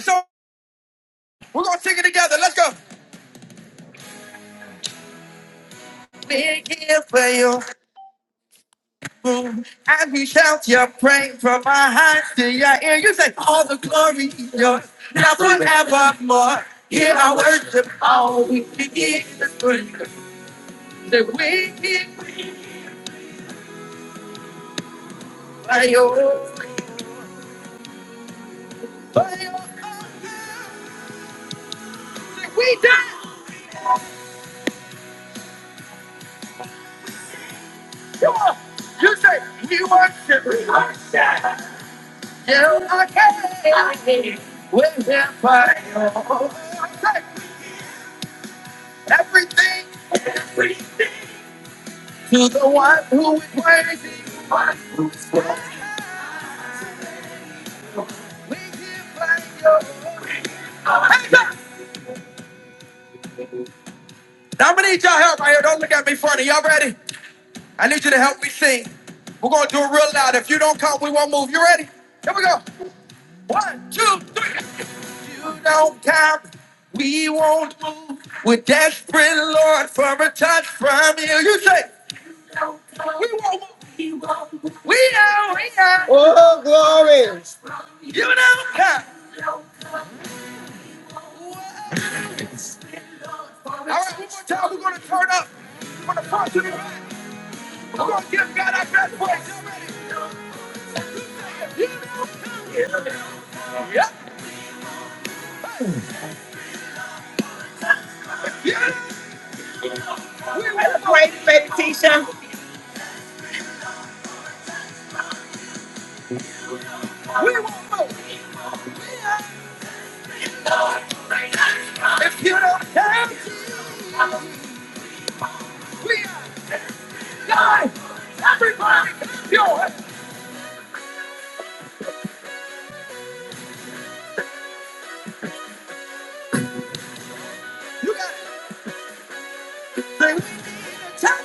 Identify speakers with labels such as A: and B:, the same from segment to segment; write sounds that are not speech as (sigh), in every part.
A: So we're gonna sing it together. Let's go. Big ear for you. Boom. As we shout your praise from my heart to your ear, you say, All the glory is yours, now forevermore. Here I worship all we can give is for you. The wicked for you. For you. We dance. You are- you say, We worship, we worship. You are king. we live here for you. Say, Everything. To the one who is crazy, we give thanks to you. Hands up. Now I'm gonna need y'all help right here. Don't look at me funny. Y'all ready? I need you to help me sing. We're gonna do it real loud. If you don't count, we won't move. You ready? Here we go. One, two, three. If you don't count, we won't move. We're desperate, Lord, for a touch from you. You say, we are, we are. Oh, glory. You don't count. One more time, we're gonna turn up. We're gonna punch it. Come on, give God a good praise. Yep. Yeah. We will praise, baby Tisha. If you don't have, we die. Everybody, you you got tap.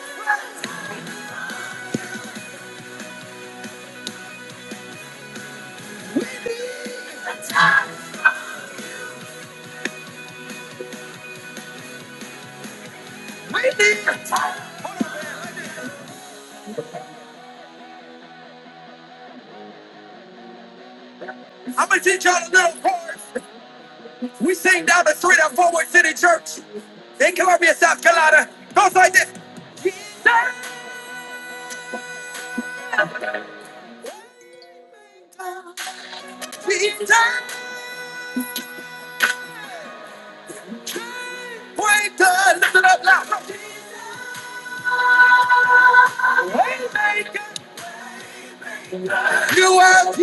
A: I'm gonna teach y'all a little chord. We sing down the street at Forward City Church in Columbia, South Carolina. Goes like this. Jesus, Jesus, Waymaker. Lift it up loud. Waymaker. You are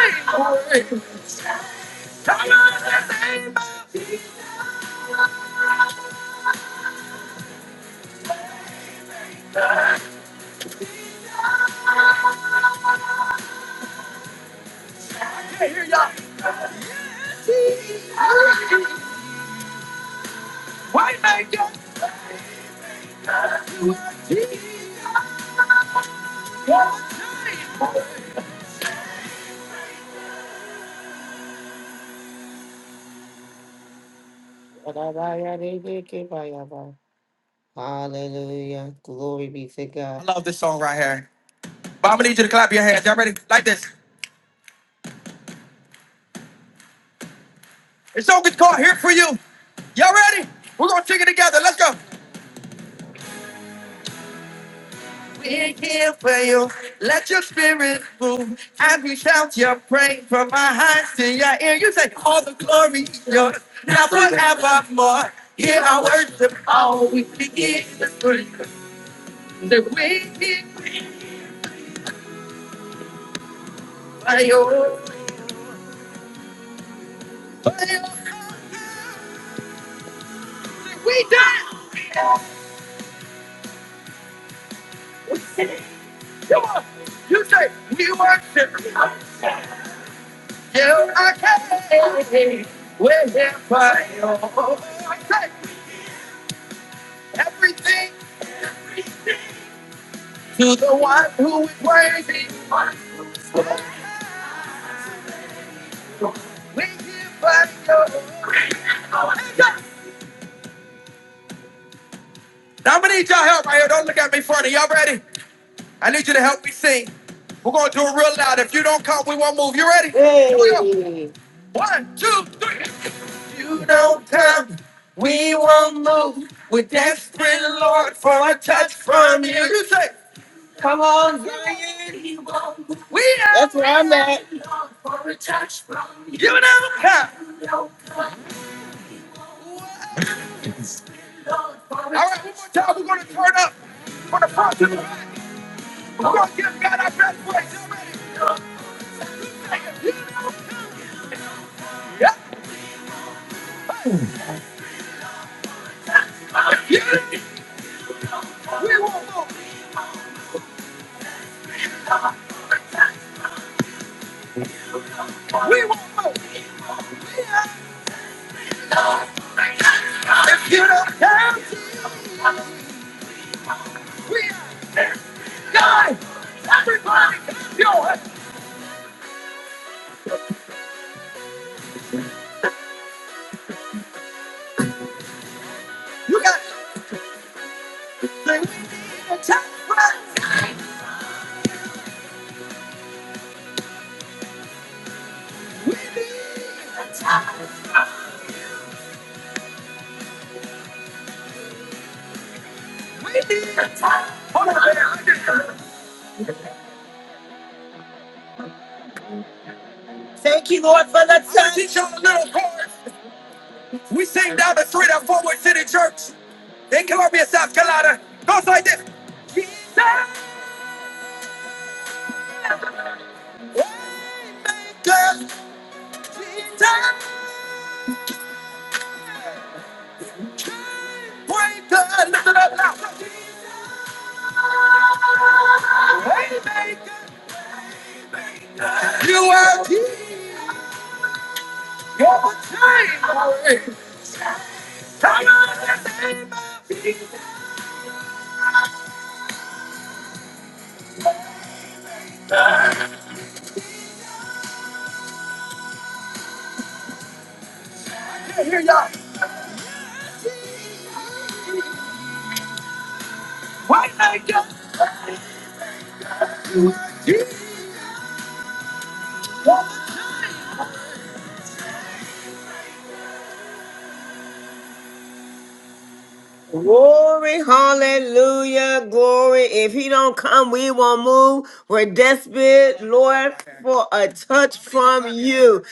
A: Jesus. Hallelujah. Glory be to I God. love this song right here. But I'm gonna need you to clap your hands. Y'all ready? Like this. It's song is called Here for You. Y'all ready? We're gonna sing it together. Let's go. We're here for you. Let your spirit move as we shout your praise from our hearts to your ear. You say, All the glory is yours, now forevermore. Hear our worship, all we begin. The wicked fire. We die. Come on. You say, we worship. Till I came with the fire. I say, everything to the one who is worthy. We give fire. Now I'm gonna need y'all help right here. Don't look at me funny. Y'all ready? I need you to help me sing. We're gonna do it real loud. If you don't count, we won't move. You ready? Here we go. Hey. One, two, three. If you don't come, we won't move. We're desperate, Lord, for a touch from you. You say, we are. That's where I'm at. don't come. So we're gonna turn up from the front to the back. We're gonna give God our best praise. Yeah. We won't move. We won't move. You don't come. We are God. Everybody, come. You got the top prize. We need, we need. But for that time, teach y'all a little chorus. We sing down the street and forward to the church in Columbia, South Carolina. Goes like this. Jesus, waymaker. Jesus, chainbreaker. Listen up now. Jesus, waymaker. You are Jesus. Glory, hallelujah, glory. If he don't come, we won't move. We're desperate, Lord, for a touch from you.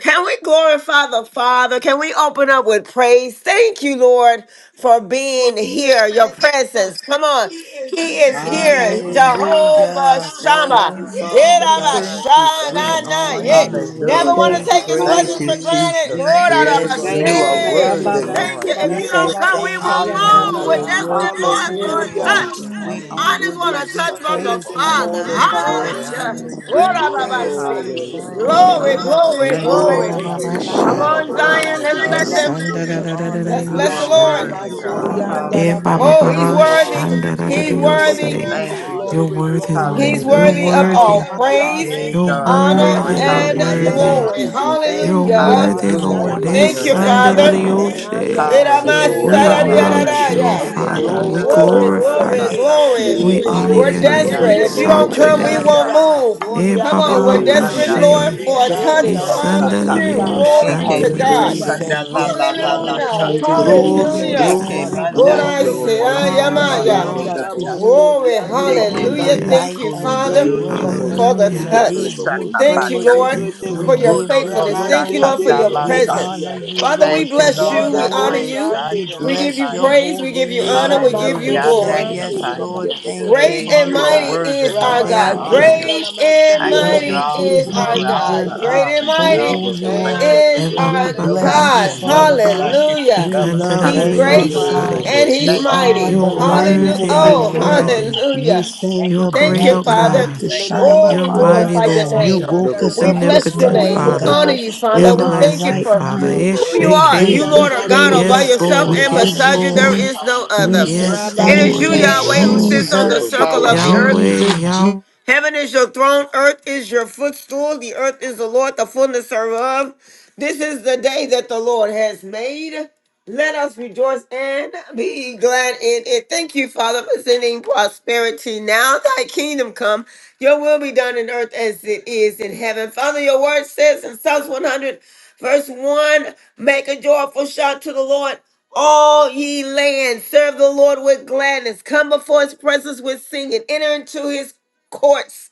A: Can we glorify the Father? Can we open up with praise? Thank you, Lord, for
B: from
A: being
B: here
A: here, your
B: past on.
A: presence. Come
B: He
A: on.
B: is
A: He
B: here.
A: is
C: Thank
A: here, Jehovah
B: Hallelujah. Thank you,
A: Shammah.
B: Father God.
D: Thank you,
B: We
D: Father.
A: Irabashanana,
B: honor
A: yeah.
B: you,
A: Never
B: Lord.
A: want
E: Thank
A: to
F: Hallelujah.
B: We
D: Hallelujah.
E: you,
A: take his
B: praise
E: Father.
F: Thank
A: presence
F: you,
A: for
D: Hallelujah.
B: you.
A: granted. Lord,
F: Jesus.
B: We
D: Oh,
A: I
B: bless
D: the
E: Thank
B: your
F: You
E: you,
D: most
F: are
B: holy
E: thank
A: say,
D: incredible.
E: you,
F: worthy,
G: Ayababa,
B: name.
E: thank
A: thank you.
F: Lord.
E: you,
A: If
B: We
A: you
E: thank
A: don't
B: say
E: you,
G: bararababa,
A: come,
E: thank
A: we
B: thank
E: you.
A: won't
B: you,
D: Yeah,
G: sayarababa.
A: move.
B: Father
D: you
A: We're
F: Hallelujah,
D: are
B: God,
A: desperate,
D: worthy
F: Lord.
B: for
A: Lord,
D: to be
B: who
A: for
F: I
A: a
B: you
E: Hallelujah.
B: are.
A: touch.
F: bless
D: praised.
F: your
B: We
F: name,
A: I
E: We
B: honor
A: just
F: Lord.
A: want
D: Hallelujah.
A: a
B: you.
E: bless
B: We
A: touch
E: your
D: Dr.
A: from the
E: name
B: praise
E: this
B: you.
F: I
D: Lamosa.
F: give
A: Father.
E: morning,
F: you
B: We
F: glory,
E: Father.
B: bless
A: Hallelujah.
F: honor,
B: you,
F: and
B: Lord.
E: We
A: Lord, I
F: praises.
B: Thank
A: say,
E: glorify
D: Oh,
B: you,
E: you
D: there's
E: this
F: Hallelujah.
B: Father
D: none
E: morning.
A: glory,
D: other
B: God.
D: like
B: Glory,
A: glory,
H: Eh,
F: Thank
D: you.
H: ba,
B: glory,
H: ba,
F: you,
A: glory.
H: ba,
B: Glory,
H: ba, ba,
F: Jesus.
D: Hallelujah.
A: Come
F: You
B: honor
F: are
A: on,
B: belongs to
A: Zion.
F: worthy,
A: Let's
H: Eh,
B: you.
F: God.
A: bless him.
H: da,
E: Arabasandarabosandarabashe.
B: You
H: da, da, da,
D: Shandalabosata,
B: are
H: da, da,
B: the
A: Let's
H: yo,
F: You
A: bless the
F: are
B: Alpha.
A: Lord.
H: shande.
F: worthy,
B: You
D: Yavalabosita,
F: God.
B: are the
H: Eh,
B: Omega.
H: ba, ba,
B: You
A: Oh,
B: Oh,
E: Iandarabasoriandarabashe.
F: Hallelujah.
A: he's
F: Thank you,
B: are the
A: worthy.
H: shanda,
F: Jesus.
H: da,
D: Leilabosita,
H: da,
E: Oh,
H: da,
A: He's
H: yo,
B: beginning.
E: glory,
B: You
A: worthy.
H: say.
E: glory,
F: Thank you,
D: Yavalabosita,
B: are
H: You're
B: the
E: glory,
F: Jesus.
H: worthy,
B: end.
E: glory.
D: Yavalabosa,
A: He's
H: Lord.
B: You
H: You're
A: worthy
F: Hallelujah.
A: of
D: Yavalabosa.
B: are
A: all
H: worthy.
B: the
E: Adonai,
B: Lion
A: praise,
F: Hey,
H: You're
B: of
F: God.
B: the
D: You're
A: honor,
F: Glory.
H: worthy.
B: tribe of
H: You're
A: and
E: Ramasorianda
D: worthy
H: worthy.
F: Hallelujah.
B: Judah.
A: glory.
D: to be
B: Thank
H: You're
E: Ramaseke,
D: praised.
B: you,
A: Hallelujah.
B: God,
H: worthy,
E: Ikorianda
B: for
F: Hallelujah
H: Lord.
F: to
H: Eh,
B: your
A: Thank
B: glory.
F: your
A: you,
E: Rabashe,
D: Hallelujah.
F: name.
H: sanda da, da,
A: Father.
H: yo,
B: Thank you,
E: Nanda
H: she.
D: Thank
E: da
B: Father,
D: you,
B: for
E: basika
F: Hallelujah,
D: Lord.
H: We
B: your pour. We
E: ande de la
F: hallelujah,
H: acknowledge
D: Hallelujah.
H: you,
B: glorify
H: O
A: Iramasarariararaya.
E: boso.
F: yeshisha
H: Father. We
F: kanda la
D: Shakalabasata.
F: la
A: Glory,
F: la
E: Robosi
F: la
H: glorify
B: your
A: glory,
H: you.
E: ande
B: name.
E: de
F: sata.
A: glory.
H: We
B: We
H: honor
B: honor
E: baseke
F: Eke
A: We're
H: your
B: you,
H: name.
D: Yebabosite,
H: We
F: manda
B: Lord.
A: desperate.
E: yandoya.
A: If you
F: kolo
A: don't
H: exalt
F: no
H: your
B: We
A: come,
F: no
A: we
F: no
B: bow
E: Yanda
H: name.
A: won't
D: yebabosite.
E: la
B: down,
F: sata.
A: move.
H: Eh,
E: masori
B: we
A: Come
H: ba,
E: yanda
H: ba,
A: on,
E: la
A: we're
H: ba,
B: bow
F: Eke
D: Glory
E: bas.
H: ba,
D: to
B: down,
A: desperate,
D: your
F: manda lo
A: Lord,
H: she.
D: name.
B: we
A: for a
F: no
D: Thank you,
B: bow
A: touch
F: no
E: Nede
H: Eh,
E: de
B: down
F: no
E: la
D: Father
B: at
A: from
B: your
D: God.
H: da, da, da,
F: saka.
B: feet,
A: you.
E: bosika
H: yo,
B: Father
E: anda
A: Glory
E: la
B: God.
A: be
H: shanda,
F: Eke
A: to
H: da, yo,
B: And
F: mito
A: God.
B: we
H: say.
E: masanda.
D: Hallelujah.
B: said,
F: kanda la
B: Yes,
F: la la la
B: Lord.
E: Rame
A: Hallelujah.
F: shata.
E: sete
H: Thank you,
B: Glory,
D: Hallelujah.
E: yiko
A: Hallelujah.
F: Eke
E: yanda
H: Jesus.
B: glory,
E: la
A: Lord,
F: manda
A: I
E: bashi.
B: glory.
F: kolo
A: say,
F: lo
A: I
F: lo
H: Thank
A: am
H: you,
F: lo
D: Shakalabasita,
B: Honor
F: lo
A: I.
F: lo
H: Jesus.
E: Yanda
B: belongs
E: la
B: to
F: shata.
D: yebabosite.
E: boko
B: you.
A: Glory,
B: You
E: yande
B: are
F: Eke
B: the
H: Thank
A: hallelujah.
H: you.
F: manda
E: beshe.
A: Thank
B: light
A: you,
F: kolo
B: of
F: lo
B: this
A: Father
F: lo
E: Thank
F: lo
E: you,
F: lo lo
B: world.
A: for
E: thank
F: lo
A: the
D: Yebabosite,
E: you,
F: lo
B: We
F: lo
H: Hallelujah.
E: thank
F: lo
A: touch.
B: give
E: you
B: you
F: shaka
A: Thank
D: yebabosata.
A: you,
E: for
F: bata.
E: your
B: praises.
A: Lord,
H: Thank you,
E: goodness.
B: We
A: for your
H: Lord.
B: give
F: Olo
B: you
F: lo
A: faithfulness. Thank you, Lord,
B: glory.
D: Yebabosata,
A: for
E: Ramasende
F: shakanda
E: de
A: your
D: yebabosata.
E: la
F: la
B: We
F: sa.
A: presence.
D: Yebabosata,
H: Yes.
B: honor
E: bosia.
B: you,
A: Father, we
B: Lord,
F: Thank you,
B: for
A: bless
D: yebabosite.
B: who
A: you.
F: Lord.
A: We
E: Yanda
F: I
B: you
A: honor
B: are.
F: praise you.
A: you.
F: I
E: boshande
B: We
E: de la
A: We give
B: bless
E: bas.
A: you
F: glorify you.
B: your
A: praise. We give
B: holy
A: you honor.
B: name.
A: We give
D: Yebabosata,
A: you
F: Hallelujah.
B: We
F: I
B: say,
A: glory.
E: Ramasoriande
B: Yes,
E: de
F: magnify you.
E: Rabas.
B: Lord. Thank you,
F: Hey,
A: Great and
B: Father
F: you are
A: mighty
B: God.
F: worthy,
A: is our
F: Lord. I
A: God.
B: Thank you.
F: honor you.
E: Ramasorianda
A: Great and
F: I
E: Ramasanda
F: give you
A: mighty
E: Rabas.
D: yebabosite.
B: Thank
F: all the
B: you,
A: is
I: Thank
A: our
F: glory, all
A: God.
F: the
B: Jesus,
A: Great and
F: honor, and
B: for
D: Yeah,
A: mighty
F: all
B: who
F: the
B: you
E: Thank
B: are.
E: you,
F: praise.
A: is
E: thank you,
B: We
A: our
E: thank you.
F: Nobody
B: bless you,
H: Ebabababash.
A: God.
F: can love
B: Father
F: us
B: God.
F: like you can
A: Hallelujah.
B: We
F: love us.
B: love
A: He's
B: you,
E: Thank you,
A: great
B: Father
F: Hallelujah.
B: God.
E: Father.
H: Ikandadadadayosaya.
A: and
I: you.
A: he's
B: You
F: Thank you,
B: are
A: mighty.
H: You're
B: the
F: Jesus.
B: light
F: Mm.
A: Hallelujah.
H: worthy,
B: of
H: you're
B: this
E: Rabasorianda
F: Thank
A: Oh,
F: you,
B: world.
E: Rabas.
F: Lord.
H: worthy.
B: You
A: hallelujah.
F: Thank
B: send
H: You're
B: your
F: you,
A: Thank
F: Lord.
H: great,
A: you,
H: O
B: bright light
A: Father.
H: God.
B: to
F: Thank you,
B: shine
F: Lord.
A: Oh,
H: You're
A: we
B: upon
F: I love
H: mighty,
B: us.
A: glorify
E: Nenenamasorianda
F: you,
A: your
F: Lord.
B: You
H: Lord.
A: name.
B: woke
E: Ramasanda
B: us
A: We
B: up
F: I
B: this
A: bless your
H: Omnipotent
A: name.
F: glorify
B: morning,
A: We
F: you.
E: Ramasotorianda
F: I
H: Father.
A: honor
B: God,
A: you,
E: Ramasa.
A: Father.
F: magnify
B: in
A: We
B: our
F: you.
A: thank you
H: Everlasting
B: right
A: for
H: Father.
F: You
B: mind.
F: are
A: who you
B: We
F: worthy
A: are.
F: to
E: Yanda
H: Ishike.
A: You,
B: give
F: be
B: you
A: Lord, are
F: praised.
A: God all by
H: Yes,
B: praises.
E: Ramasorianda
A: yourself,
B: We
H: Lord.
A: and
E: Ramasa.
B: give
H: Yes,
A: beside
B: you
A: you there
F: Hallelujah.
H: Lord.
A: is
B: thanks.
A: no
B: We
A: other.
F: Hallelujah.
B: say
H: Yes,
A: It
C: you.
A: is
B: thank
A: you,
H: Lord.
B: you,
H: Yes,
F: Thank
A: Yahweh,
F: you,
A: who
E: Rabasotorianda
H: Lord.
A: sits
E: Rabas.
A: on the
F: Jesus.
B: Jesus,
A: circle
F: Hallelujah.
A: of the earth.
H: Yahweh,
B: Jesus, Jesus.
H: Yahweh.
A: Heaven is your throne, earth is your footstool, the earth is the Lord, the fullness thereof. This is the day that the Lord has made. Let us rejoice and be glad in it. Thank you, Father, for sending prosperity. Now thy kingdom come, your will be done in earth as it is in heaven. Father, your word says in Psalms 100, verse 1, make a joyful shout to the Lord. All ye lands. serve the Lord with gladness. Come before his presence with singing. Enter into his courts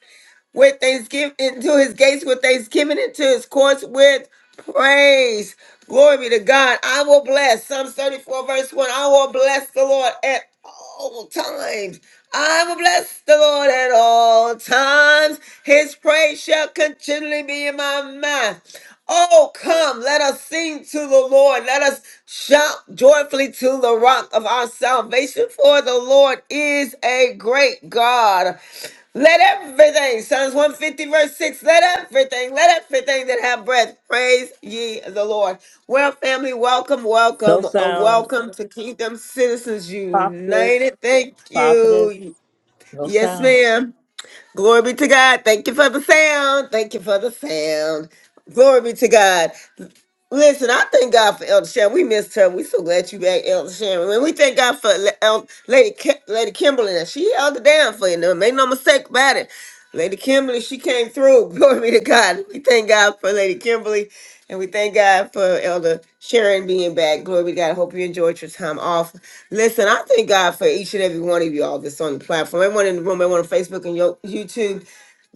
A: with thanksgiving into his gates with thanksgiving into his courts with praise glory be to god i will bless psalms 34 verse 1 i will bless the lord at all times i will bless the lord at all times his praise shall continually be in my mouth Oh, come, let us sing to the Lord. Let us shout joyfully to the rock of our salvation, for the Lord is a great God. Let everything, Psalms 150, verse 6, let everything, let everything that have breath praise ye the Lord. Well, family, welcome,
J: No
A: welcome, a
J: sound.
A: welcome to Kingdom Citizens
J: Prophetess.
A: United. Thank
J: Prophetess.
A: you.
J: No
A: Yes,
J: sound.
A: ma'am. Glory be to God. Thank you for the sound. Thank you for the sound. Glory be to God. Listen, I thank God for Elder Sharon. We missed her. we so glad you back, Elder Sharon. And we thank God for Le- El- Lady Ki- Lady Kimberly. She held it down for you. No, Make no mistake about it. Lady Kimberly, she came through. (laughs) Glory be to God. We thank God for Lady Kimberly. And we thank God for Elder Sharon being back. Glory be to God. I hope you enjoyed your time off. Listen, I thank God for each and every one of you all that's on the platform. Everyone in the room, everyone on Facebook and Yo- YouTube.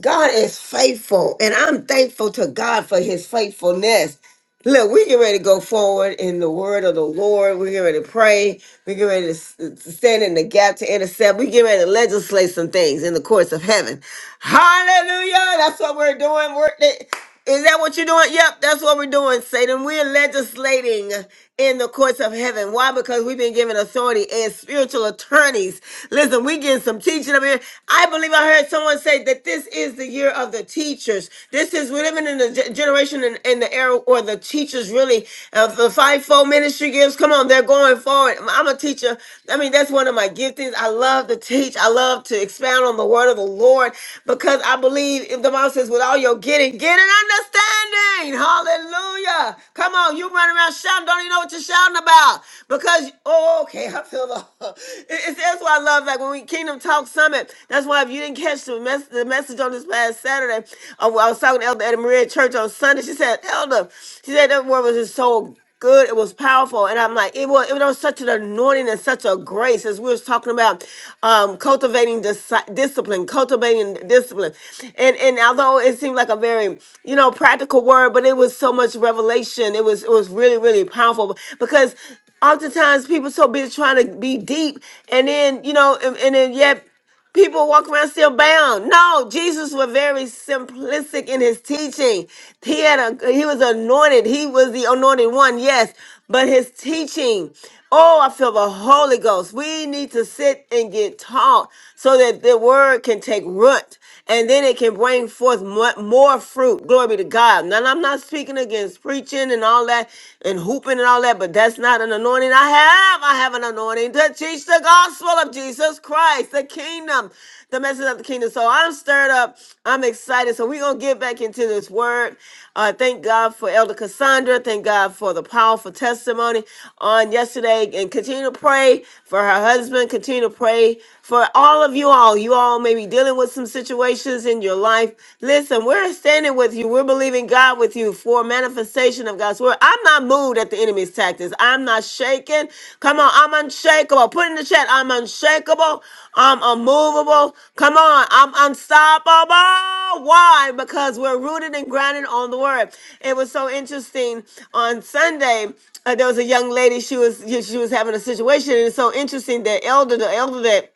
A: God is faithful, and I'm thankful to God for his faithfulness. Look, we get ready to go forward in the word of the Lord. We get ready to pray. We get ready to s- uh, to stand in the gap to intercept. We get ready to legislate some things in the courts of heaven. Hallelujah. That's what we're doing. We're, is that what you're doing? Yep, that's what we're doing, Satan. We're legislating in the courts of heaven. Why? Because we've been given authority as spiritual attorneys. Listen, we getting some teaching up here. I believe I heard someone say that this is the year of the teachers. This is we're living in the ge- generation in, in the era where the teachers really of the fivefold ministry gifts. Come on, they're going forward. I'm a teacher. I mean, that's one of my gifts things. I love to teach. I love to expound on the word of the Lord because I believe if the Bible says, with all your getting, get an understanding. Hallelujah. Come on, you running around shouting, don't even know what you're shouting about. Because, oh, okay, I feel the (laughs) it- it's, that's why I love like when we Kingdom Talk Summit. That's why if you didn't catch the, mess, the message on this past Saturday, uh, I was talking to Elder Etta Maria at church on Sunday. She said, Elder, she said that word was just so good. It was powerful. And I'm like, it was, it was such an anointing and such a grace as we was talking about um, cultivating disi- discipline, cultivating discipline. And and although it seemed like a very, you know, practical word, but it was so much revelation. It was it was really, really powerful because oftentimes people so busy trying to be deep and then, you know, and, and then yet People walk around still bound. No, Jesus was very simplistic in his teaching. He had a he was anointed. He was the anointed one, yes. But his teaching, oh, I feel the Holy Ghost. We need to sit and get taught so that the word can take root and then it can bring forth more, more fruit. Glory be to God. Now, I'm not speaking against preaching and all that and hooping and all that, but that's not an anointing I have. I have an anointing to teach the gospel of Jesus Christ, the kingdom, the message of the kingdom. So I'm stirred up. I'm excited. So we're going to get back into this word. Uh, thank God for Elder Cassandra. Thank God for the powerful testimony on yesterday and continue to pray for her husband. Continue to pray for all of you all. You all may be dealing with some situations in your life. Listen, we're standing with you. We're believing God with you for manifestation of God's word. I'm not moved at the enemy's tactics. I'm not shaken. Come on, I'm unshakable. Put in the chat, I'm unshakable. I'm unmovable. Come on, I'm unstoppable. Why? Because we're rooted and grounded on the word. It was so interesting on Sunday. uh, there was a young lady. She was she was having a situation, and it's so interesting that elder, the elder that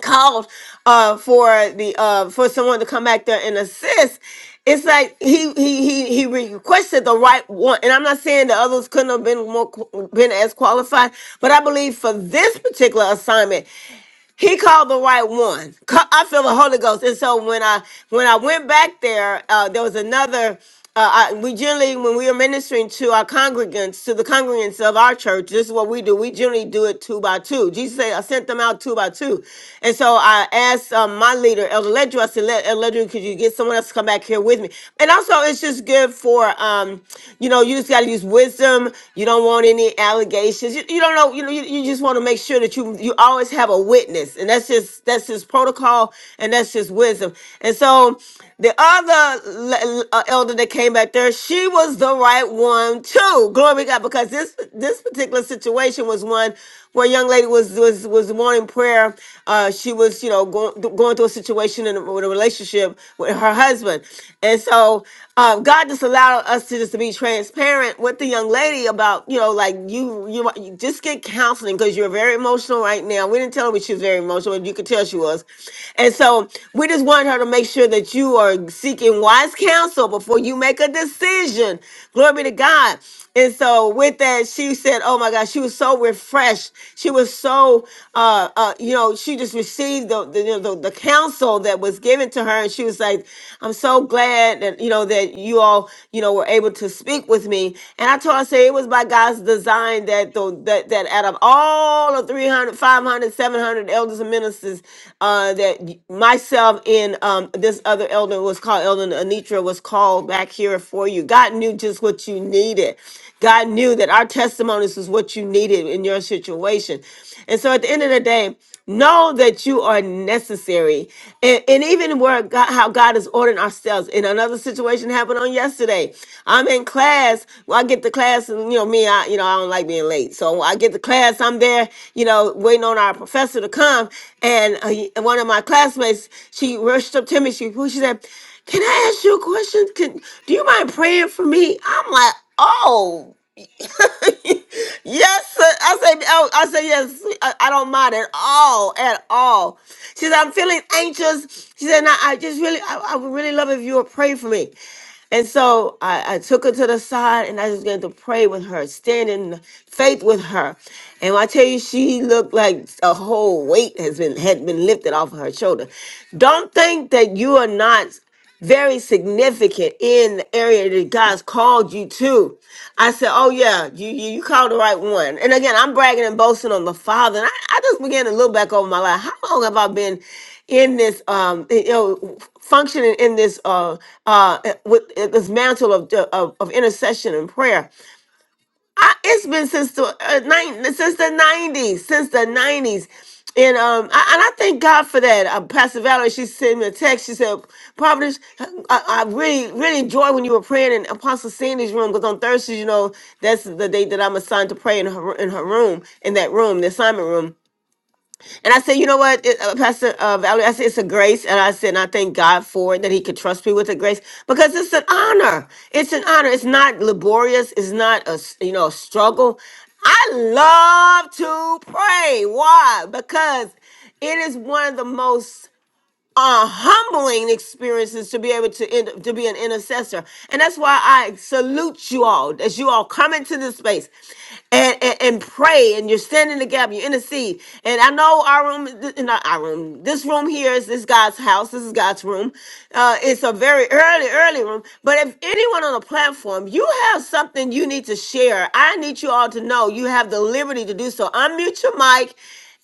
A: called uh for the uh for someone to come back there and assist it's like he he he he requested the right one and i'm not saying the others couldn't have been more qu- been as qualified but i believe for this particular assignment he called the right one. Ca- I feel the Holy Ghost. And so when I when I went back there, uh, there was another. Uh, I, we generally, when we are ministering to our congregants, to the congregants of our church, this is what we do. We generally do it two by two. Jesus said, I sent them out two by two. And so I asked um, my leader, Elder Ledru, I said, "Le- Elder Ledru, could you get someone else to come back here with me? And also, it's just good for, um, you know, you just got to use wisdom. You don't want any allegations. You, you don't know. You know. You, you just want to make sure that you you always have a witness, and that's just that's just protocol, and that's just wisdom. And so, the other le- uh, elder that came back there, she was the right one too. Glory to God, because this this particular situation was one where a young lady was was was wanting prayer. Uh, she was you know going going through a situation in a, with a relationship with her husband, and so um, God just allowed us to just to be transparent with the young lady about you know like you you, you just get counseling because you're very emotional right now. We didn't tell her she was very emotional, but you could tell she was, and so we just wanted her to make sure that you are seeking wise counsel before you make a decision. Glory be to God. And so with that, she said, "Oh my God, she was so refreshed. She was so, uh, uh you know, she just received the the, you know, the the counsel that was given to her, and she was like, I'm so glad that you know that you all, you know, were able to speak with me." And I told her, I said, "It was by God's design that the that that out of all of 300, 500, 600, 700 elders and ministers uh, that y- myself and um, this other elder was called, Elder Anitra was called back here for you. God knew just what you needed. God knew that our testimonies was what you needed in your situation. And so at the end of the day, Know that you are necessary. And, and even where God, how God is ordering ourselves. In another situation happened on yesterday. I'm in class. Well, I get to class and you know me, I you know, I don't like being late. So I get to class, I'm there, you know, waiting on our professor to come. And uh, one of my classmates, she rushed up to me. She well, she said, Can I ask you a question? Can do you mind praying for me? I'm like, oh. (laughs) yes, sir. I say, oh, I say yes. I, I don't mind at all, at all. She said, I'm feeling anxious. She said, "Nah, I just really, I, I would really love if you would pray for me. And so I, I took her to the side and I just began to pray with her, stand in faith with her. And when I tell you, she looked like a whole weight has been had been lifted off of her shoulder. Don't think that you are not very significant in the area that God's called you to. I said, Oh yeah, you you, you called the right one. And again, I'm bragging and boasting on the Father. And I, I just began to look back over my life. How long have I been? in this um you know functioning in this uh uh eh, with uh, this mantle of uh, of, of intercession and prayer I, it's been since the uh, nine, since the 90s since the 90s and um I, and I thank God for that uh, Pastor Valerie she sent me a text she said Providence I, I really really enjoy when you were praying in Apostle Sandy's room because on Thursdays you know that's the day that I'm assigned to pray in her in her room in that room the assignment room and I said, you know what, it- uh, Pastor uh, Valerie, I said, it's a grace. And I said, and I thank God for it that He could trust me with a grace because it's an honor. It's an honor. It's not laborious. It's not a, s- you know, a struggle. I love to pray. Why? Because it is one of the most are humbling experiences to be able to end, to be an intercessor, and that's why I salute you all as you all come into this space and, and and pray, and you're standing in the gap, you intercede. And I know our room, th- not our room, this room here is this God's house. This is God's room. Uh, it's a very early, early room. But if anyone on the platform, you have something you need to share. I need you all to know you have the liberty to do so. Unmute your mic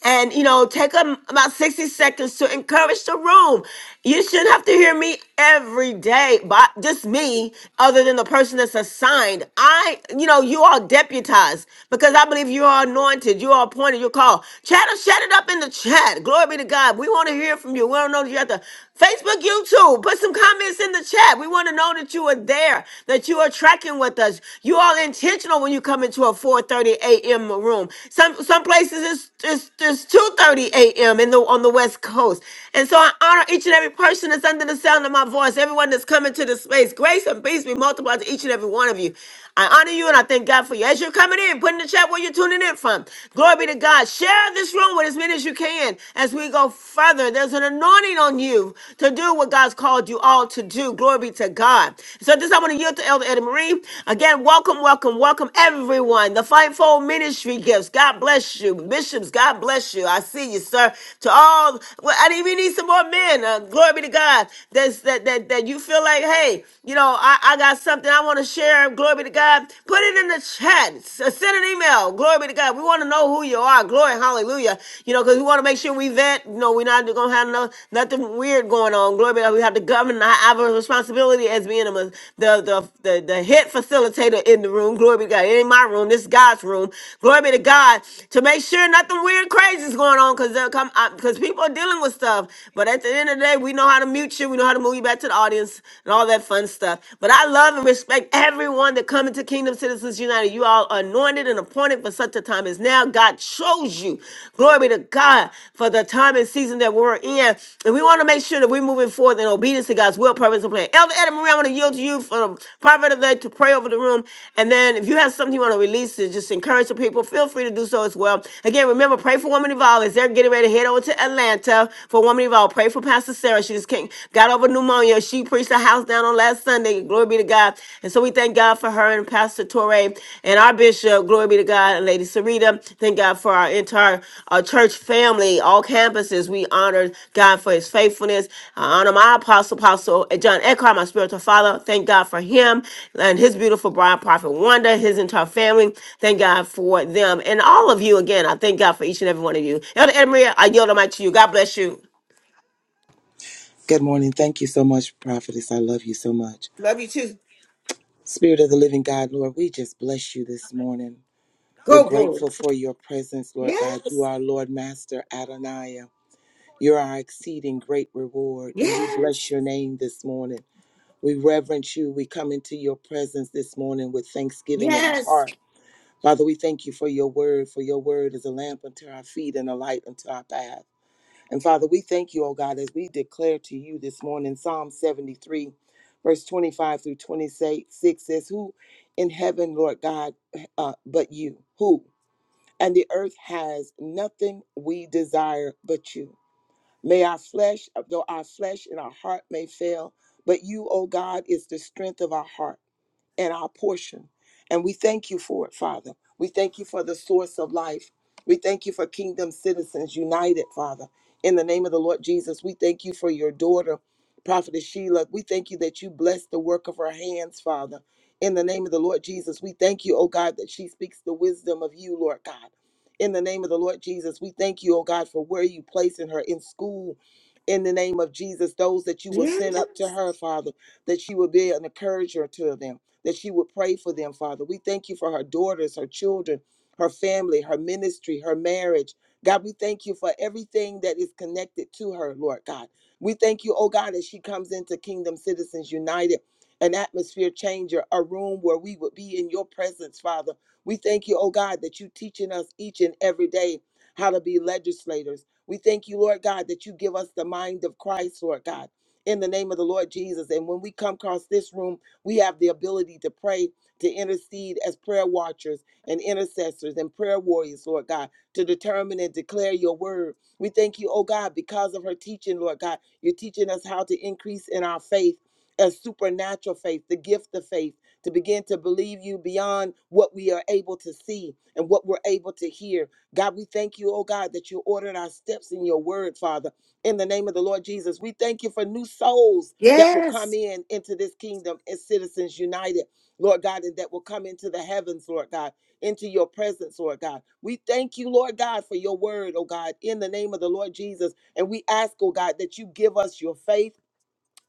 A: and you know take a, about 60 seconds to encourage the room you shouldn't have to hear me every day but just me other than the person that's assigned i you know you are deputized because i believe you are anointed you are appointed you're called chat shut it up in the chat glory be to god we want to hear from you we don't know that you have to facebook youtube put some comments in the chat we want to know that you are there that you are tracking with us you are intentional intentional when you come into a 4:30 a.m. room. Some some places it's it's, it's 2:30 a.m. in the on the West Coast. And so I honor each and every person that's under the sound of my voice. Everyone that's coming to this space, grace and peace be multiplied to each and every one of you. I honor you and I thank God for you. As you're coming in, put in the chat where you're tuning in from. Glory be to God. Share this room with as many as you can as we go further. There's an anointing on you to do what God's called you all to to do. Glory be to God. So this I want to yield to Elder Eddie Marie. Again, welcome, welcome, welcome everyone. The Fightful Ministry gifts. God bless you. Bishops, God bless you. I see you, sir. To all, well, I even need some more men. Uh, glory be to God. That's, that, that, that you feel like, hey, you know, I, I got something I want to share. Glory be to God. Put it in the chat. S- Send an email. Glory be to God. We want to know who you are. Glory, hallelujah. You know, because we want to make sure we everything we vet, no, we're not gonna have no nothing weird going on. Glory be to God. We have to govern. I have a responsibility as being a, the, the the the head facilitator in the room. Glory be to God. It ain't my room. This is God's room. Glory be to God to make sure nothing weird, crazy is going on because they'll come because people are dealing with stuff. But at the end of the day, we know how to mute you. We know how to move you back to the audience and all that fun stuff. But I love and respect everyone that come into Kingdom Citizens United. You all are anointed appointed and appointed for such a time as now. God chose you. Glory to God for the time and season that we're in. And we want to make sure that we're moving forward in obedience to God's will, purpose, and plan. Elder Adam Marie, I want to yield to you for the private of that to pray over the room. And then if you have something you want to release to just encourage the people, feel free to do so as well. Again, remember, pray for Woman Evolve as they're getting ready to head over to Atlanta for Woman Evolve. Pray for Pastor Sarah. She just came, got over pneumonia. She preached a house down on last Sunday. Sunday. Glory be to God. And so we thank God for her and Pastor Torre and our bishop. Glory be to God and Lady Sarita. Thank God for our entire uh, church family, all campuses. We honor God for his faithfulness. I honor my apostle, Apostle John Eckhart, my spiritual father. Thank God for him and his beautiful bride, Prophet Wanda, his entire family. Thank God for them and all of you again. I thank God for each and every one of you. Elder Anna Maria, I yield the mic to you. God bless you.
E: Good morning. Thank you so much, Prophetess. I love you so much.
A: Love you too.
E: Spirit of the living God, Lord, we just bless you this morning. We're
A: Go, glory.
E: grateful for your presence,
A: Yeah.
E: Lord God. You are Lord Master Adonai. You're our exceeding great reward, and we bless
A: Yes.
E: your name this morning. We reverence you. We come into your presence this morning with thanksgiving in our
A: Yes.
E: heart. Father, we thank you for your word, for your word is a lamp unto our feet and a light unto our path. And Father, we thank you, O God, as we declare to you this morning, Psalm 73, verse 25 through 26 says, Who in heaven, Lord God, uh, but you? Who? and the earth has nothing we desire but you. May our flesh, though our flesh and our heart may fail, but you, O God, is the strength of our heart and our portion. And we thank you for it, Father. We thank you for the source of life. We thank you for Kingdom Citizens United, Father. In the name of the Lord Jesus, we thank you for your daughter, Prophetess Sheila. We thank you that you bless the work of her hands, Father. In the name of the Lord Jesus, we thank you, oh God, that she speaks the wisdom of you, Lord God. In the name of the Lord Jesus, we thank you, oh God, for where you placing her in school. In the name of Jesus, those that you will send up to her, Father, that she will be an encourager to them, that she would pray for them, Father. We thank you for her daughters, her children, her family, her ministry, her marriage. God, we thank you for everything that is connected to her, Lord God. We thank you, oh God, as she comes into Kingdom Citizens United, an atmosphere changer, a room where we would be in your presence, Father we thank you, oh God, that you teaching us each and every day how to be legislators. We thank you, Lord God, that you give us the mind of Christ, Lord God, in the name of the Lord Jesus. And when we come across this room, we have the ability to pray, to intercede as prayer watchers and intercessors and prayer warriors, Lord God, to determine and declare your word. We thank you, oh God, because of her teaching, Lord God. You're teaching us how to increase in our faith, a supernatural faith, the gift of faith to begin to believe you beyond what we are able to see and what we're able to hear. God, we thank you, oh God, that you ordered our steps in your word, Father. In the name of the Lord Jesus, we thank you for new souls that will come in into this kingdom as citizens united, Lord God, and that will come into the heavens, Lord God, into your presence, Lord God. We thank you, Lord God, for your word, oh God, in the name of the Lord Jesus. And we ask, oh God, that you give us your faith.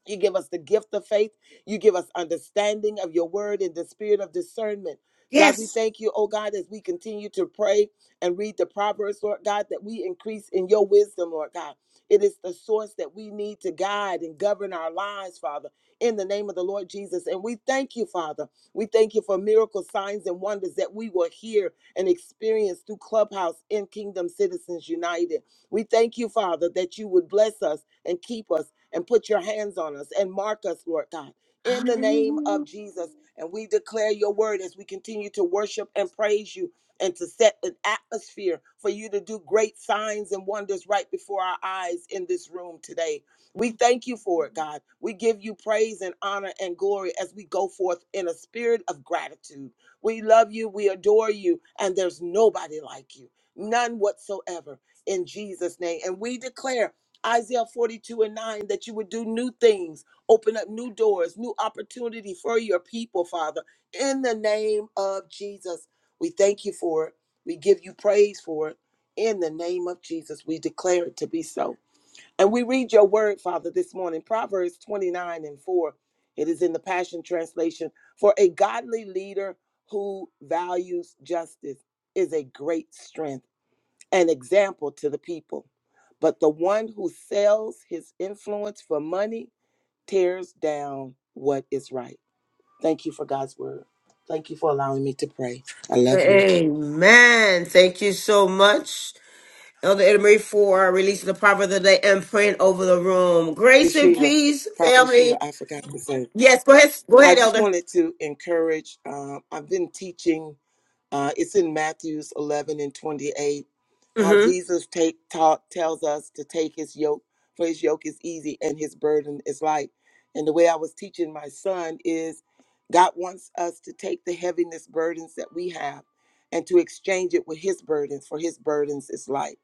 E: You give us the gift of faith. You give us understanding of your word and the spirit of discernment. God, we thank you, oh God, as we continue to pray and read the Proverbs, Lord God, that we increase in your wisdom, Lord God. It is the source that we need to guide and govern our lives, Father, in the name of the Lord Jesus. And we thank you, Father. We thank you for miracle signs and wonders that we will hear and experience through Clubhouse in Kingdom Citizens United. We thank you, Father, that you would bless us and keep us and put your hands on us and mark us, Lord God, in the name of Jesus. And we declare your word as we continue to worship and praise you and to set an atmosphere for you to do great signs and wonders right before our eyes in this room today. We thank you for it, God. We give you praise and honor and glory as we go forth in a spirit of gratitude. We love you, we adore you, and there's nobody like you, none whatsoever in Jesus' name. And we declare Isaiah 42 and 9, that you would do new things, open up new doors, new opportunity for your people, Father, in the name of Jesus. We thank you for it. We give you praise for it. In the name of Jesus, we declare it to be so. And we read your word, Father, this morning, Proverbs 29 and 4. It is in the Passion Translation. For a godly leader who values justice is a great strength an example to the people. But the one who sells his influence for money tears down what is right. Thank you for God's word. Thank you for allowing me to pray. I love you.
A: Amen. Thank you so much, Elder Edna Marie, for releasing the proverb of the day and praying over the room.
E: Prophet
A: Grace and
E: Sheila,
A: peace,
E: Prophet Sheila,
A: family.
E: I forgot to say.
A: Yes, go ahead. Go
E: I
A: ahead,
E: just
A: Elder.
E: wanted to encourage. Um, I've been teaching Uh, it's in Matthew's 11 and 28, how
A: Mm-hmm.
E: Jesus take, taught, tells us to take his yoke, for his yoke is easy and his burden is light. And the way I was teaching my son is God wants us to take the heaviness burdens that we have and to exchange it with his burdens, for his burdens is light.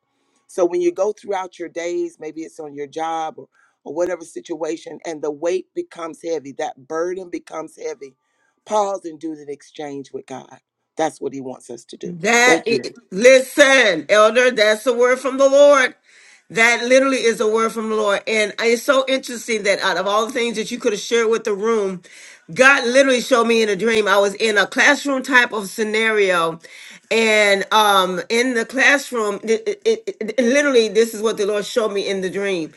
E: So when you go throughout your days, maybe it's on your job or, or whatever situation, and the weight becomes heavy, that burden becomes heavy, pause and do the exchange with God that's what he wants us to do.
A: That
E: Thank you.
A: is, listen, elder, that's a word from the Lord. That literally is a word from the Lord. And it's so interesting that out of all the things that you could have shared with the room, God literally showed me in a dream. I was in a classroom type of scenario. And um in the classroom, it, it, it- it- literally, this is what the Lord showed me in the dream.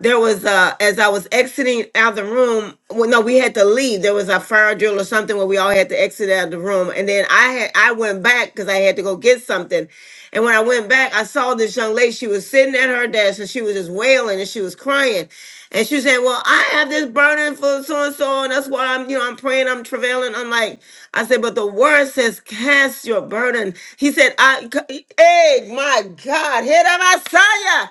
A: There was uh as I was exiting out the room, well, no, we had to leave. There was a fire drill or something where we all had to exit out of the room. And then I had I went back because I had to go get something. And when I went back, I saw this young lady. She was sitting at her desk and she was just wailing and she was crying. And she was saying, Well, I have this burden for so and so, and that's why I'm, you know, I'm praying, I'm travailing. I'm like, I said, but the word says, Cast your burden. He said, I hey, my God, hit a Messiah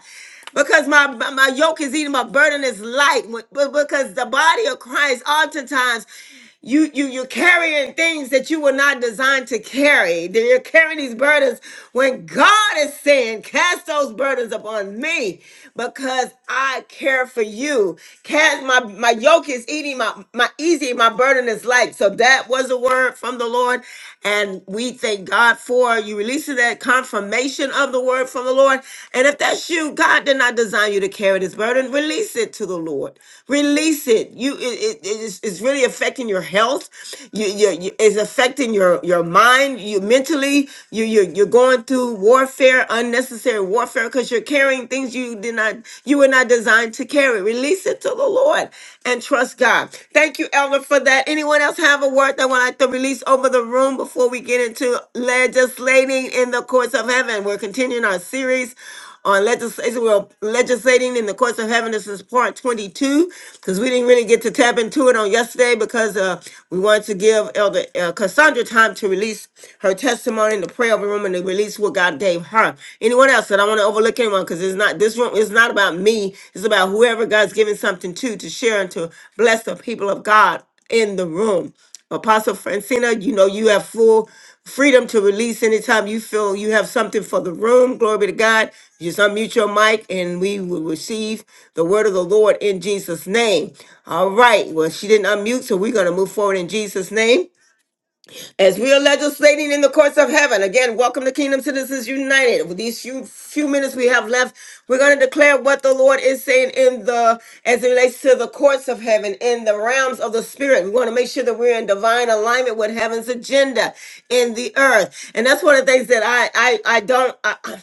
A: because my my yoke is easy, my burden is light. But because the body of Christ, oftentimes, you you you're carrying things that you were not designed to carry. That You're carrying these burdens when God is saying, "Cast those burdens upon me, because I care for you." Cast my my yoke is eating my my easy, my burden is light. So that was a word from the Lord, and we thank God for you releasing that confirmation of the word from the Lord. And if that's you, God did not design you to carry this burden. Release it to the Lord. Release it. You, it, it- it is, it's really affecting your health. You, you, you- it's affecting your your mind. You mentally, you you you're going through warfare, unnecessary warfare, because you're carrying things you did not, you were not designed to carry. Release it to the Lord and trust God. Thank you, Elder, for that. Anyone else have a word that want to release over the room before we get into legislating in the courts of heaven? We're continuing our series on legislation. We're legislating in the courts of heaven. This is part 22 because we didn't really get to tap into it on yesterday because uh, we wanted to give Elder uh, Cassandra time to release her testimony in the prayer of the room and to release what God gave her. Anyone anyone else that I want to overlook anyone because it's not this room It's not about me. It's about whoever God's giving something to to share and to bless the people of God in the room. Apostle Francina, you know you have full freedom to release anytime you feel you have something for the room. Glory be to God. Just unmute your mic and we will receive the word of the Lord in Jesus' name. All right. Well, she didn't unmute, so we're going to move forward in Jesus' name. As we are legislating in the courts of heaven, again, welcome to Kingdom Citizens United. With these few, few minutes we have left, we're going to declare what the Lord is saying in the, as it relates to the courts of heaven, in the realms of the spirit. We want to make sure that we're in divine alignment with heaven's agenda in the earth. And that's one of the things that I, I, I don't, I, I-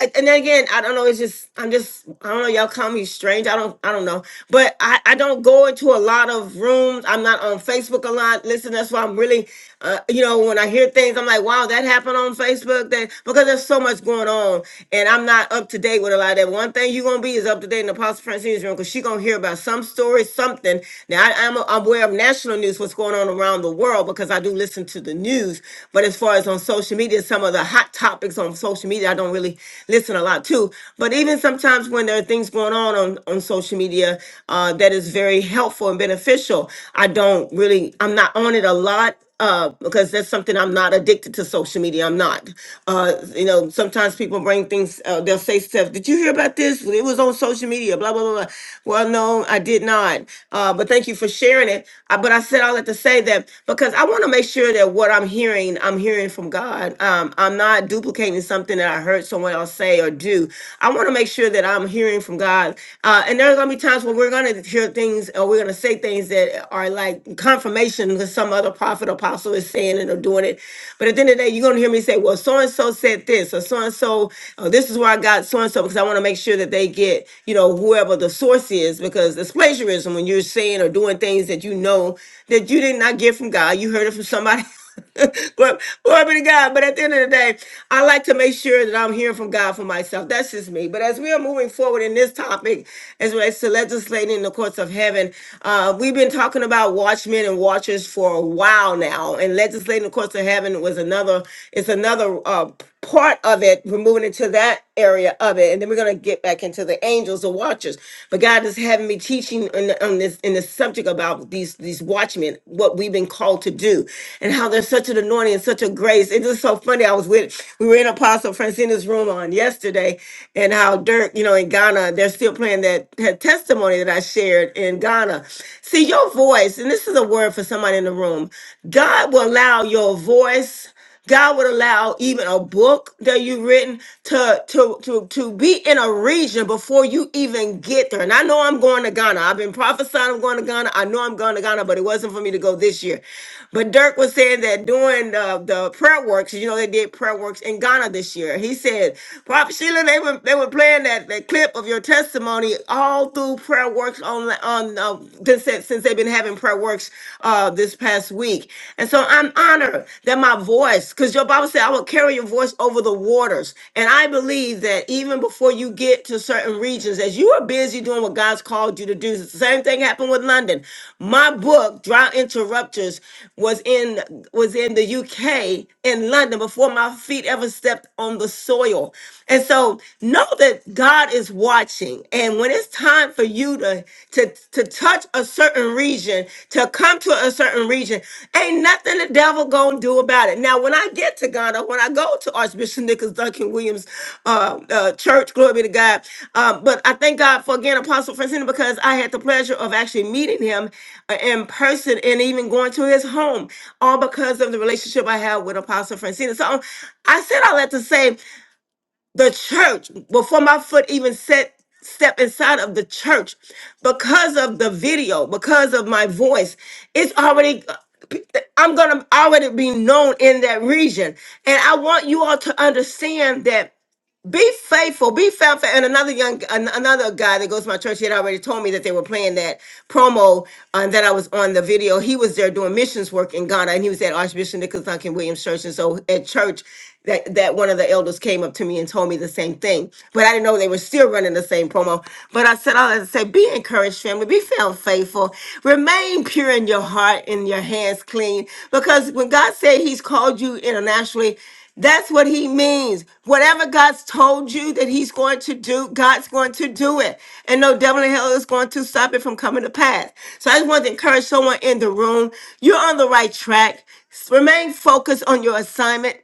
A: and then again, I don't know. It's just, I'm just, I don't know. Y'all call me strange. I don't, I don't know. But I, I don't go into a lot of rooms. I'm not on Facebook a lot. Listen and that's why I'm really, uh, you know, when I hear things, I'm like, wow, that happened on Facebook. That because there's so much going on, and I'm not up to date with a lot of that. One thing you're gonna be is up to date in Apostle Francine's room because she gonna hear about some story, something. Now I, I'm I'm aware of national news, what's going on around the world because I do listen to the news. But as far as on social media, some of the hot topics on social media, I don't really listen a lot to. But even sometimes when there are things going on on, on social media uh, that is very helpful and beneficial, I don't don't really, I'm not on it a lot. Uh, because that's something I'm not addicted to social media. I'm not. Uh, you know, sometimes people bring things, uh, they'll say stuff, Did you hear about this? It was on social media, blah, blah, blah, blah. Well, no, I did not. Uh, but thank you for sharing it. Uh, but I said all that to say that because I want to make sure that what I'm hearing, I'm hearing from God. Um, I'm not duplicating something that I heard someone else say or do. I want to make sure that I'm hearing from God. Uh, and there are going to be times when we're going to hear things or we're going to say things that are like confirmation that some other prophet or apostle is saying and are doing it. But at the end of the day, you're gonna hear me say, well, so and so said this, or so and so, this is where I got so and so, because I want to make sure that they get, you know, whoever the source is, because it's plagiarism when you're saying or doing things that you know that you did not get from God, you heard it from somebody (laughs) (laughs) Glory glory be to God. But at the end of the day, I like to make sure that I'm hearing from God for myself. That's just me. But as we are moving forward in this topic, as relates to legislating in the courts of heaven, uh, we've been talking about watchmen and watchers for a while now, and legislating the courts of heaven was another. It's another. uh, part of it. We're moving into that area of it, and then we're gonna get back into the angels, or watchers. But God is having me teaching on, the- on this in the subject about these these watchmen, what we've been called to do, and how there's such an anointing and such a grace. It's just so funny. I was with we were in Apostle Francina's room on yesterday, and how Dirk, you know, in Ghana, they're still playing that, that testimony that I shared in Ghana. See your voice, and this is a word for somebody in the room. God will allow your voice. God would allow even a book that you've written to to to to be in a region before you even get there. And I know I'm going to Ghana. I've been prophesying I'm going to Ghana. I know I'm going to Ghana, but it wasn't for me to go this year. But Dirk was saying that during uh, the prayer works, you know, they did prayer works in Ghana this year. He said, Prophet Sheila, they were they were playing that, that clip of your testimony all through prayer works on on uh, since since they've been having prayer works." fireworks uh, this past week. And so I'm honored that my voice, because your Bible said, I will carry your voice over the waters. And I believe that even before you get to certain regions, as you are busy doing what God's called you to do, the same thing happened with London. My book, Drought Interrupters, was in was in the UK in London before my feet ever stepped on the soil. And so know that God is watching. And when when it's time for you to to to touch a certain region, to come to a certain region, ain't nothing the devil gonna do about it. Now, when I get to Ghana, when I go to Archbishop Nicholas Duncan Williams uh, uh, Church, glory be to God. Um, but I thank God for again Apostle Francina because I had the pleasure of actually meeting him uh, in person and even going to his home, all because of the relationship I have with Apostle Francina. So I said all that to say the church before my foot even set step inside of the church because of the video because of my voice it's already i'm gonna already be known in that region and i want you all to understand that be faithful. Be faithful. And another young, an- another guy that goes to my church, he had already told me that they were playing that promo uh, that I was on the video. He was there doing missions work in Ghana, and he was at Archbishop Nicholas Duncan Williams Church. And so at church, that, that one of the elders came up to me and told me the same thing. But I didn't know they were still running the same promo. But I said, all I say, be encouraged, family. Be found faithful. Remain pure in your heart and your hands clean. Because when God said He's called you internationally, that's what he means. Whatever God's told you that he's going to do, God's going to do it. And no devil in hell is going to stop it from coming to pass. So I just want to encourage someone in the room. You're on the right track. Remain focused on your assignment.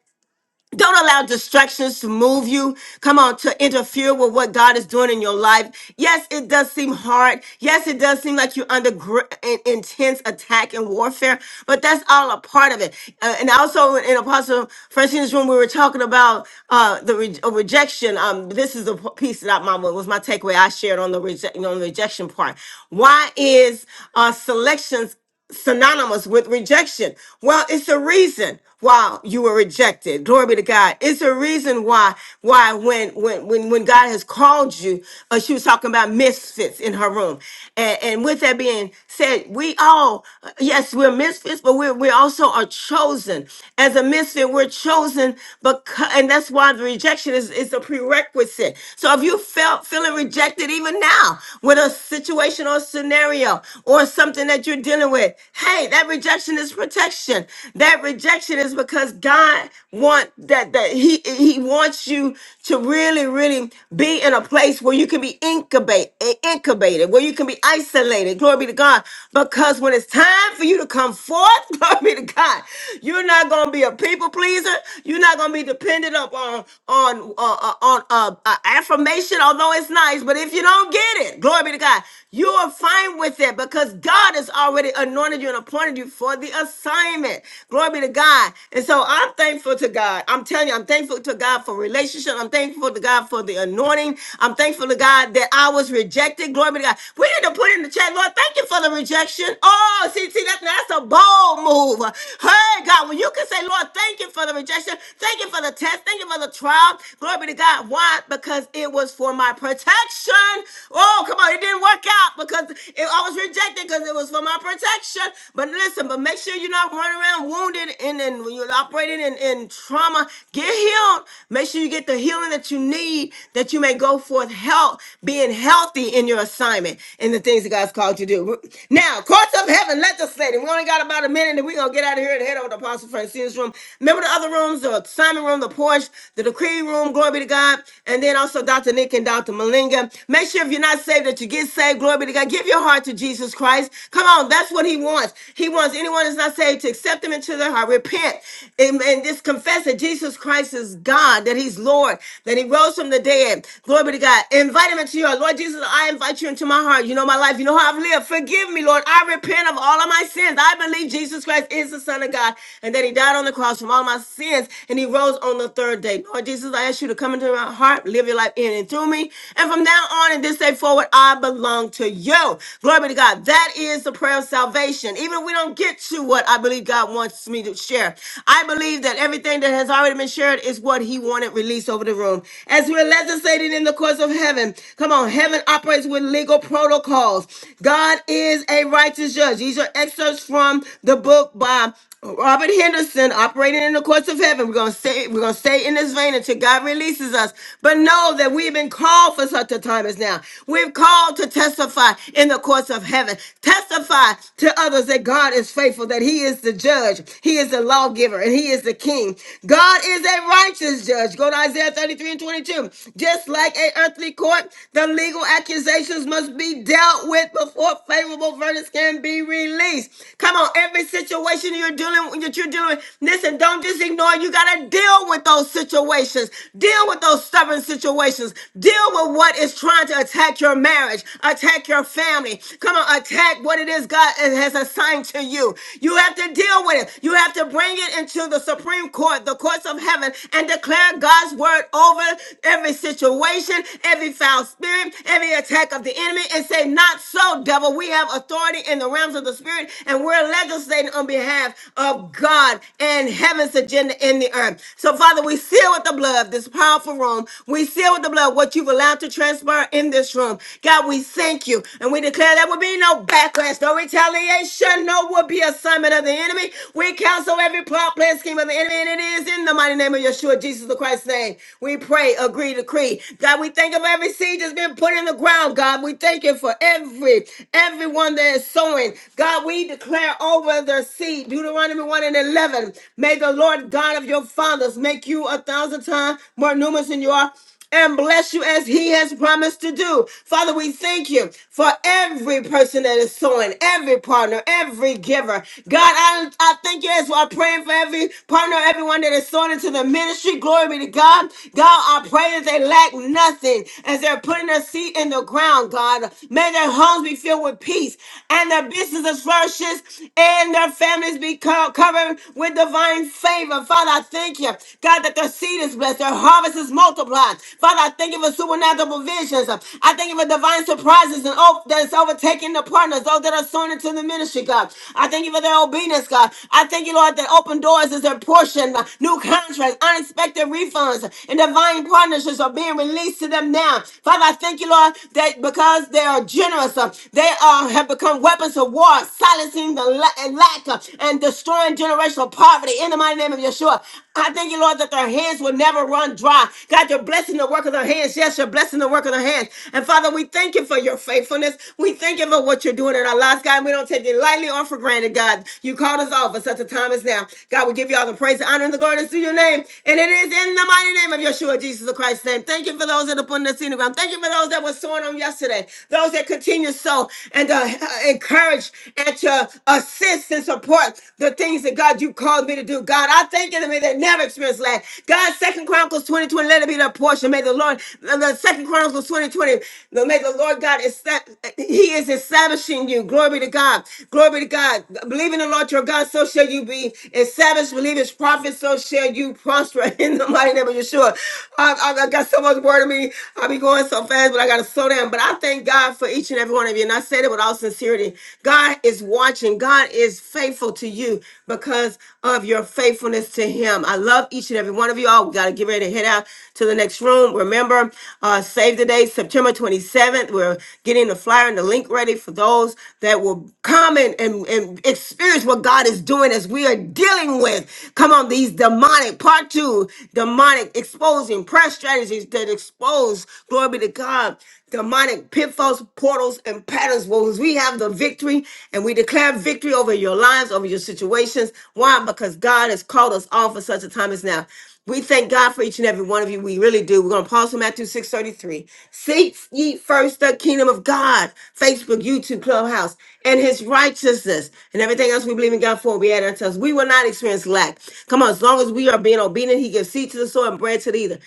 A: Don't allow distractions to move you. Come on, to interfere with what God is doing in your life. Yes, it does seem hard. Yes, it does seem like you're under gr- in- intense attack and warfare, but that's all a part of it. Uh, and also in Apostle Francine's room, we were talking about uh, the re- uh, rejection. Um, this is the p- piece that I, my, was my takeaway I shared on the, reje- on the rejection part. Why is uh, selections synonymous with rejection. Well, it's a reason why you were rejected. Glory be to God. It's a reason why why when when when when God has called you, uh, she was talking about misfits in her room. And, and with that being said, we all uh, yes, we're misfits, but we we also are chosen. As a misfit, we're chosen because and that's why the rejection is is a prerequisite. So if you felt feeling rejected even now with a situation or scenario, or something that you're dealing with. Hey, that rejection is protection. That rejection is because God want that that he he wants you to really really be in a place where you can be incubate eh, incubated, where you can be isolated. Glory be to God. Because when it's time for you to come forth, (laughs) glory be to God, you're not going to be a people pleaser. You're not going to be dependent upon on uh, uh, on uh, uh, affirmation, although it's nice. But if you don't get it, glory be to God. You are fine with it because God has already anointed you and appointed you for the assignment. Glory be to God. And so I'm thankful to God. I'm telling you, I'm thankful to God for relationship. I'm thankful to God for the anointing. I'm thankful to God that I was rejected. Glory be to God. We need to put in the chat, Lord, thank you for the rejection. Oh, see, see, that, that's a bold move. Hey, God, when you can say, Lord, thank you for the rejection. Thank you for the test. Thank you for the trial. Glory be to God. Why? Because it was for my protection rejection. Oh, come on, it didn't work out because it, I was rejected because it was for my protection. But listen, but make sure you're not running around wounded and then when you're operating in, in trauma, get healed. Make sure you get the healing that you need that you may go forth health, being healthy in your assignment and the things that God's called you to do. Now, courts of heaven legislating. We only got about a minute and we're going to get out of here and head over to Apostle Francine's room. Remember the other rooms, the assignment room, the porch, the decree room, glory be to God. And then also Dr. Dominique and Dr. Malinga. Make sure if you're not saved that you get saved. Glory be to God. Give your heart to Jesus Christ. Come on, that's what he wants. He wants anyone that's not saved to accept him into their heart, repent, and, and just confess that Jesus Christ is God, that he's Lord, that he rose from the dead. Glory be to God. Invite him into your heart. Lord Jesus, I invite you into my heart. You know my life. You know how I've lived. Forgive me, Lord. I repent of all of my sins. I believe Jesus Christ is the Son of God and that he died on the cross from all my sins and he rose on the third day. Lord Jesus, I ask you to come into into my heart. Live your life in and through me. And from now on and this day forward, I belong to you. Glory be to God. That is the prayer of salvation. Even if we don't get to what I believe God wants me to share, I believe that everything that has already been shared is what He wanted released over the room. As we're legislating in the courts of heaven, come on, heaven operates with legal protocols. God is a righteous judge. These are excerpts from the book by Robert Henderson operating in the courts of heaven. We're gonna stay, we're gonna stay in this vein until God releases us. But know that we've been called for such a time as now. We've called to testify in the courts of heaven. Testify to others that God is faithful, that He is the judge, He is the lawgiver, and He is the king. God is a righteous judge. Go to Isaiah 33 and 22. Just like a earthly court, the legal accusations must be dealt with before favorable verdicts can be released. Come on, every every situation you're dealing that you're dealing with. Listen, don't just ignore. it. You gotta deal with those situations. Deal with those stubborn situations. Deal with what is trying to attack your marriage, attack your family. Come on, attack what it is God has assigned to you. You have to deal with it. You have to bring it into the Supreme Court, the courts of heaven, and declare God's word over every situation, every foul spirit, every attack of the enemy, and say, Not so, devil. We have authority in the realms of the spirit Spirit, and we're legislating on behalf of God and heaven's agenda in the earth. So, Father, we seal with the blood this powerful room. We seal with the blood what you've allowed to transpire in this room. God, we thank you, and we declare there will be no backlash, no retaliation, no would be assignment of the enemy. We cancel every plot, plan, scheme of the enemy, and it is in the mighty name of Yeshua, Jesus the Christ's name. We pray, agree, decree. God, we thank you for every seed that's been put in the ground, God. We thank you for every, everyone that is sowing. God, we declare over their seed. Deuteronomy 1 and 11. May the Lord God of your fathers make you a thousand times more numerous than you are and bless you as he has promised to do. Father, we thank you for every person that is sowing, every partner, every giver. God, I, I thank you as I'm praying for every partner, everyone that is sowing into the ministry. Glory be to God. God, I pray that they lack nothing as they're putting their seed in the ground, God. May their homes be filled filled with peace, and their businesses flourishes, and their families be co- covered with divine favor. Father, I thank you, God, that their seed is blessed, their harvest is multiplied. Father, I thank you for supernatural provisions. I thank you for divine surprises and oh, that's overtaking the partners, those that are sown into the ministry, God. I thank you for their obedience, God. I thank you, Lord, that open doors is their portion, uh, new contracts, unexpected refunds, and divine partnerships are being released to them now. Father, I thank you, Lord, that because they're they are generous. Uh, They are have become weapons of war, silencing the la- and lack uh, and destroying generational poverty. In the mighty name of Yeshua, I thank you, Lord, that their hands will never run dry. God, you're blessing the work of their hands. Yes, you're blessing the work of their hands. And Father, we thank you for your faithfulness. We thank you for what you're doing in our lives, God. We don't take it lightly or for granted, God. You called us all for such a time as now. God, we give you all the praise, the honor, and the glory that's to your name. And it is in the mighty name of Yeshua, Jesus Christ's name. Thank you for those that are putting us in the ground. Thank you for those that were sowing on yesterday, those that continue to sow and to uh, encourage and to assist and support the things that God you called me to do. God, I thank you that may they never experience lack. God, Second Chronicles 20 20, let it be their portion. May the Lord, the Second Chronicles twenty twenty, 20, may the Lord God, esta- He is establishing you. Glory be to God. Glory be to God. Believe in the Lord your God, so shall you be established. Believe his prophet, so shall you prosper (laughs) in the mighty name of Yeshua. I, I, I got so much word in me. I'll be going going so fast, but I gotta slow down. But I thank God for each and every one of you. And I said it with all sincerity. God is watching, God is faithful to you because of your faithfulness to Him. I love each and every one of you all. We gotta get ready to head out to the next room. Remember, uh, save the day, September 27th. We're getting the flyer and the link ready for those that will come and, and, and experience what God is doing as we are dealing with. Come on, these demonic part two, demonic exposing prayer strategies that and expose, glory be to God, demonic pitfalls, portals, and patterns. Well, we have the victory and we declare victory over your lives, over your situations. Why? Because God has called us all for such a time as now. We thank God for each and every one of you. We really do. We're going to pause on Matthew 6.33. Seek ye first the kingdom of God, Facebook, YouTube, Clubhouse, and his righteousness. And everything else we believe in God for, we add unto us. We will not experience lack. Come on, as long as we are being obedient, he gives seed to the soil and bread to the eater.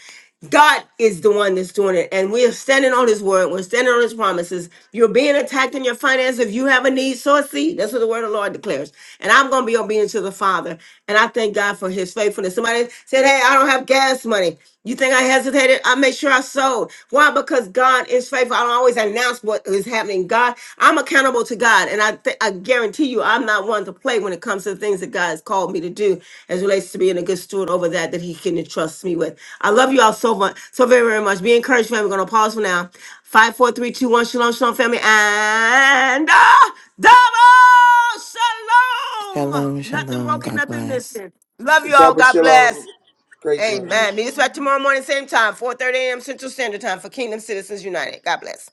A: God is the one that's doing it. And we are standing on his word. We're standing on his promises. You're being attacked in your finances. If you have a need, sow a seed. That's what the word of the Lord declares. And I'm going to be obedient to the Father. And I thank God for his faithfulness. Somebody said, Hey, I don't have gas money. You think I hesitated? I made sure I sold. Why? Because God is faithful. I don't always announce what is happening. God, I'm accountable to God, and I th- I guarantee you, I'm not one to play when it comes to the things that God has called me to do, as relates to being a good steward over that that He can entrust me with. I love you all so much, so very very much. Be encouraged, family. We're gonna pause for now. Five, four, three, two, one. Shalom, shalom, family, and uh, double shalom.
H: Shalom,
A: Nothing
H: shalom.
A: broken,
H: God
A: nothing
H: bless.
A: missing. Love you all.
E: Double
A: God
E: shalom.
A: bless.
E: Great room.
K: Shalom,
A: Amen. Meet us back
K: shalom.
A: tomorrow morning, same time, 4:30 a.m. Central Standard Time for Kingdom Citizens United. God bless.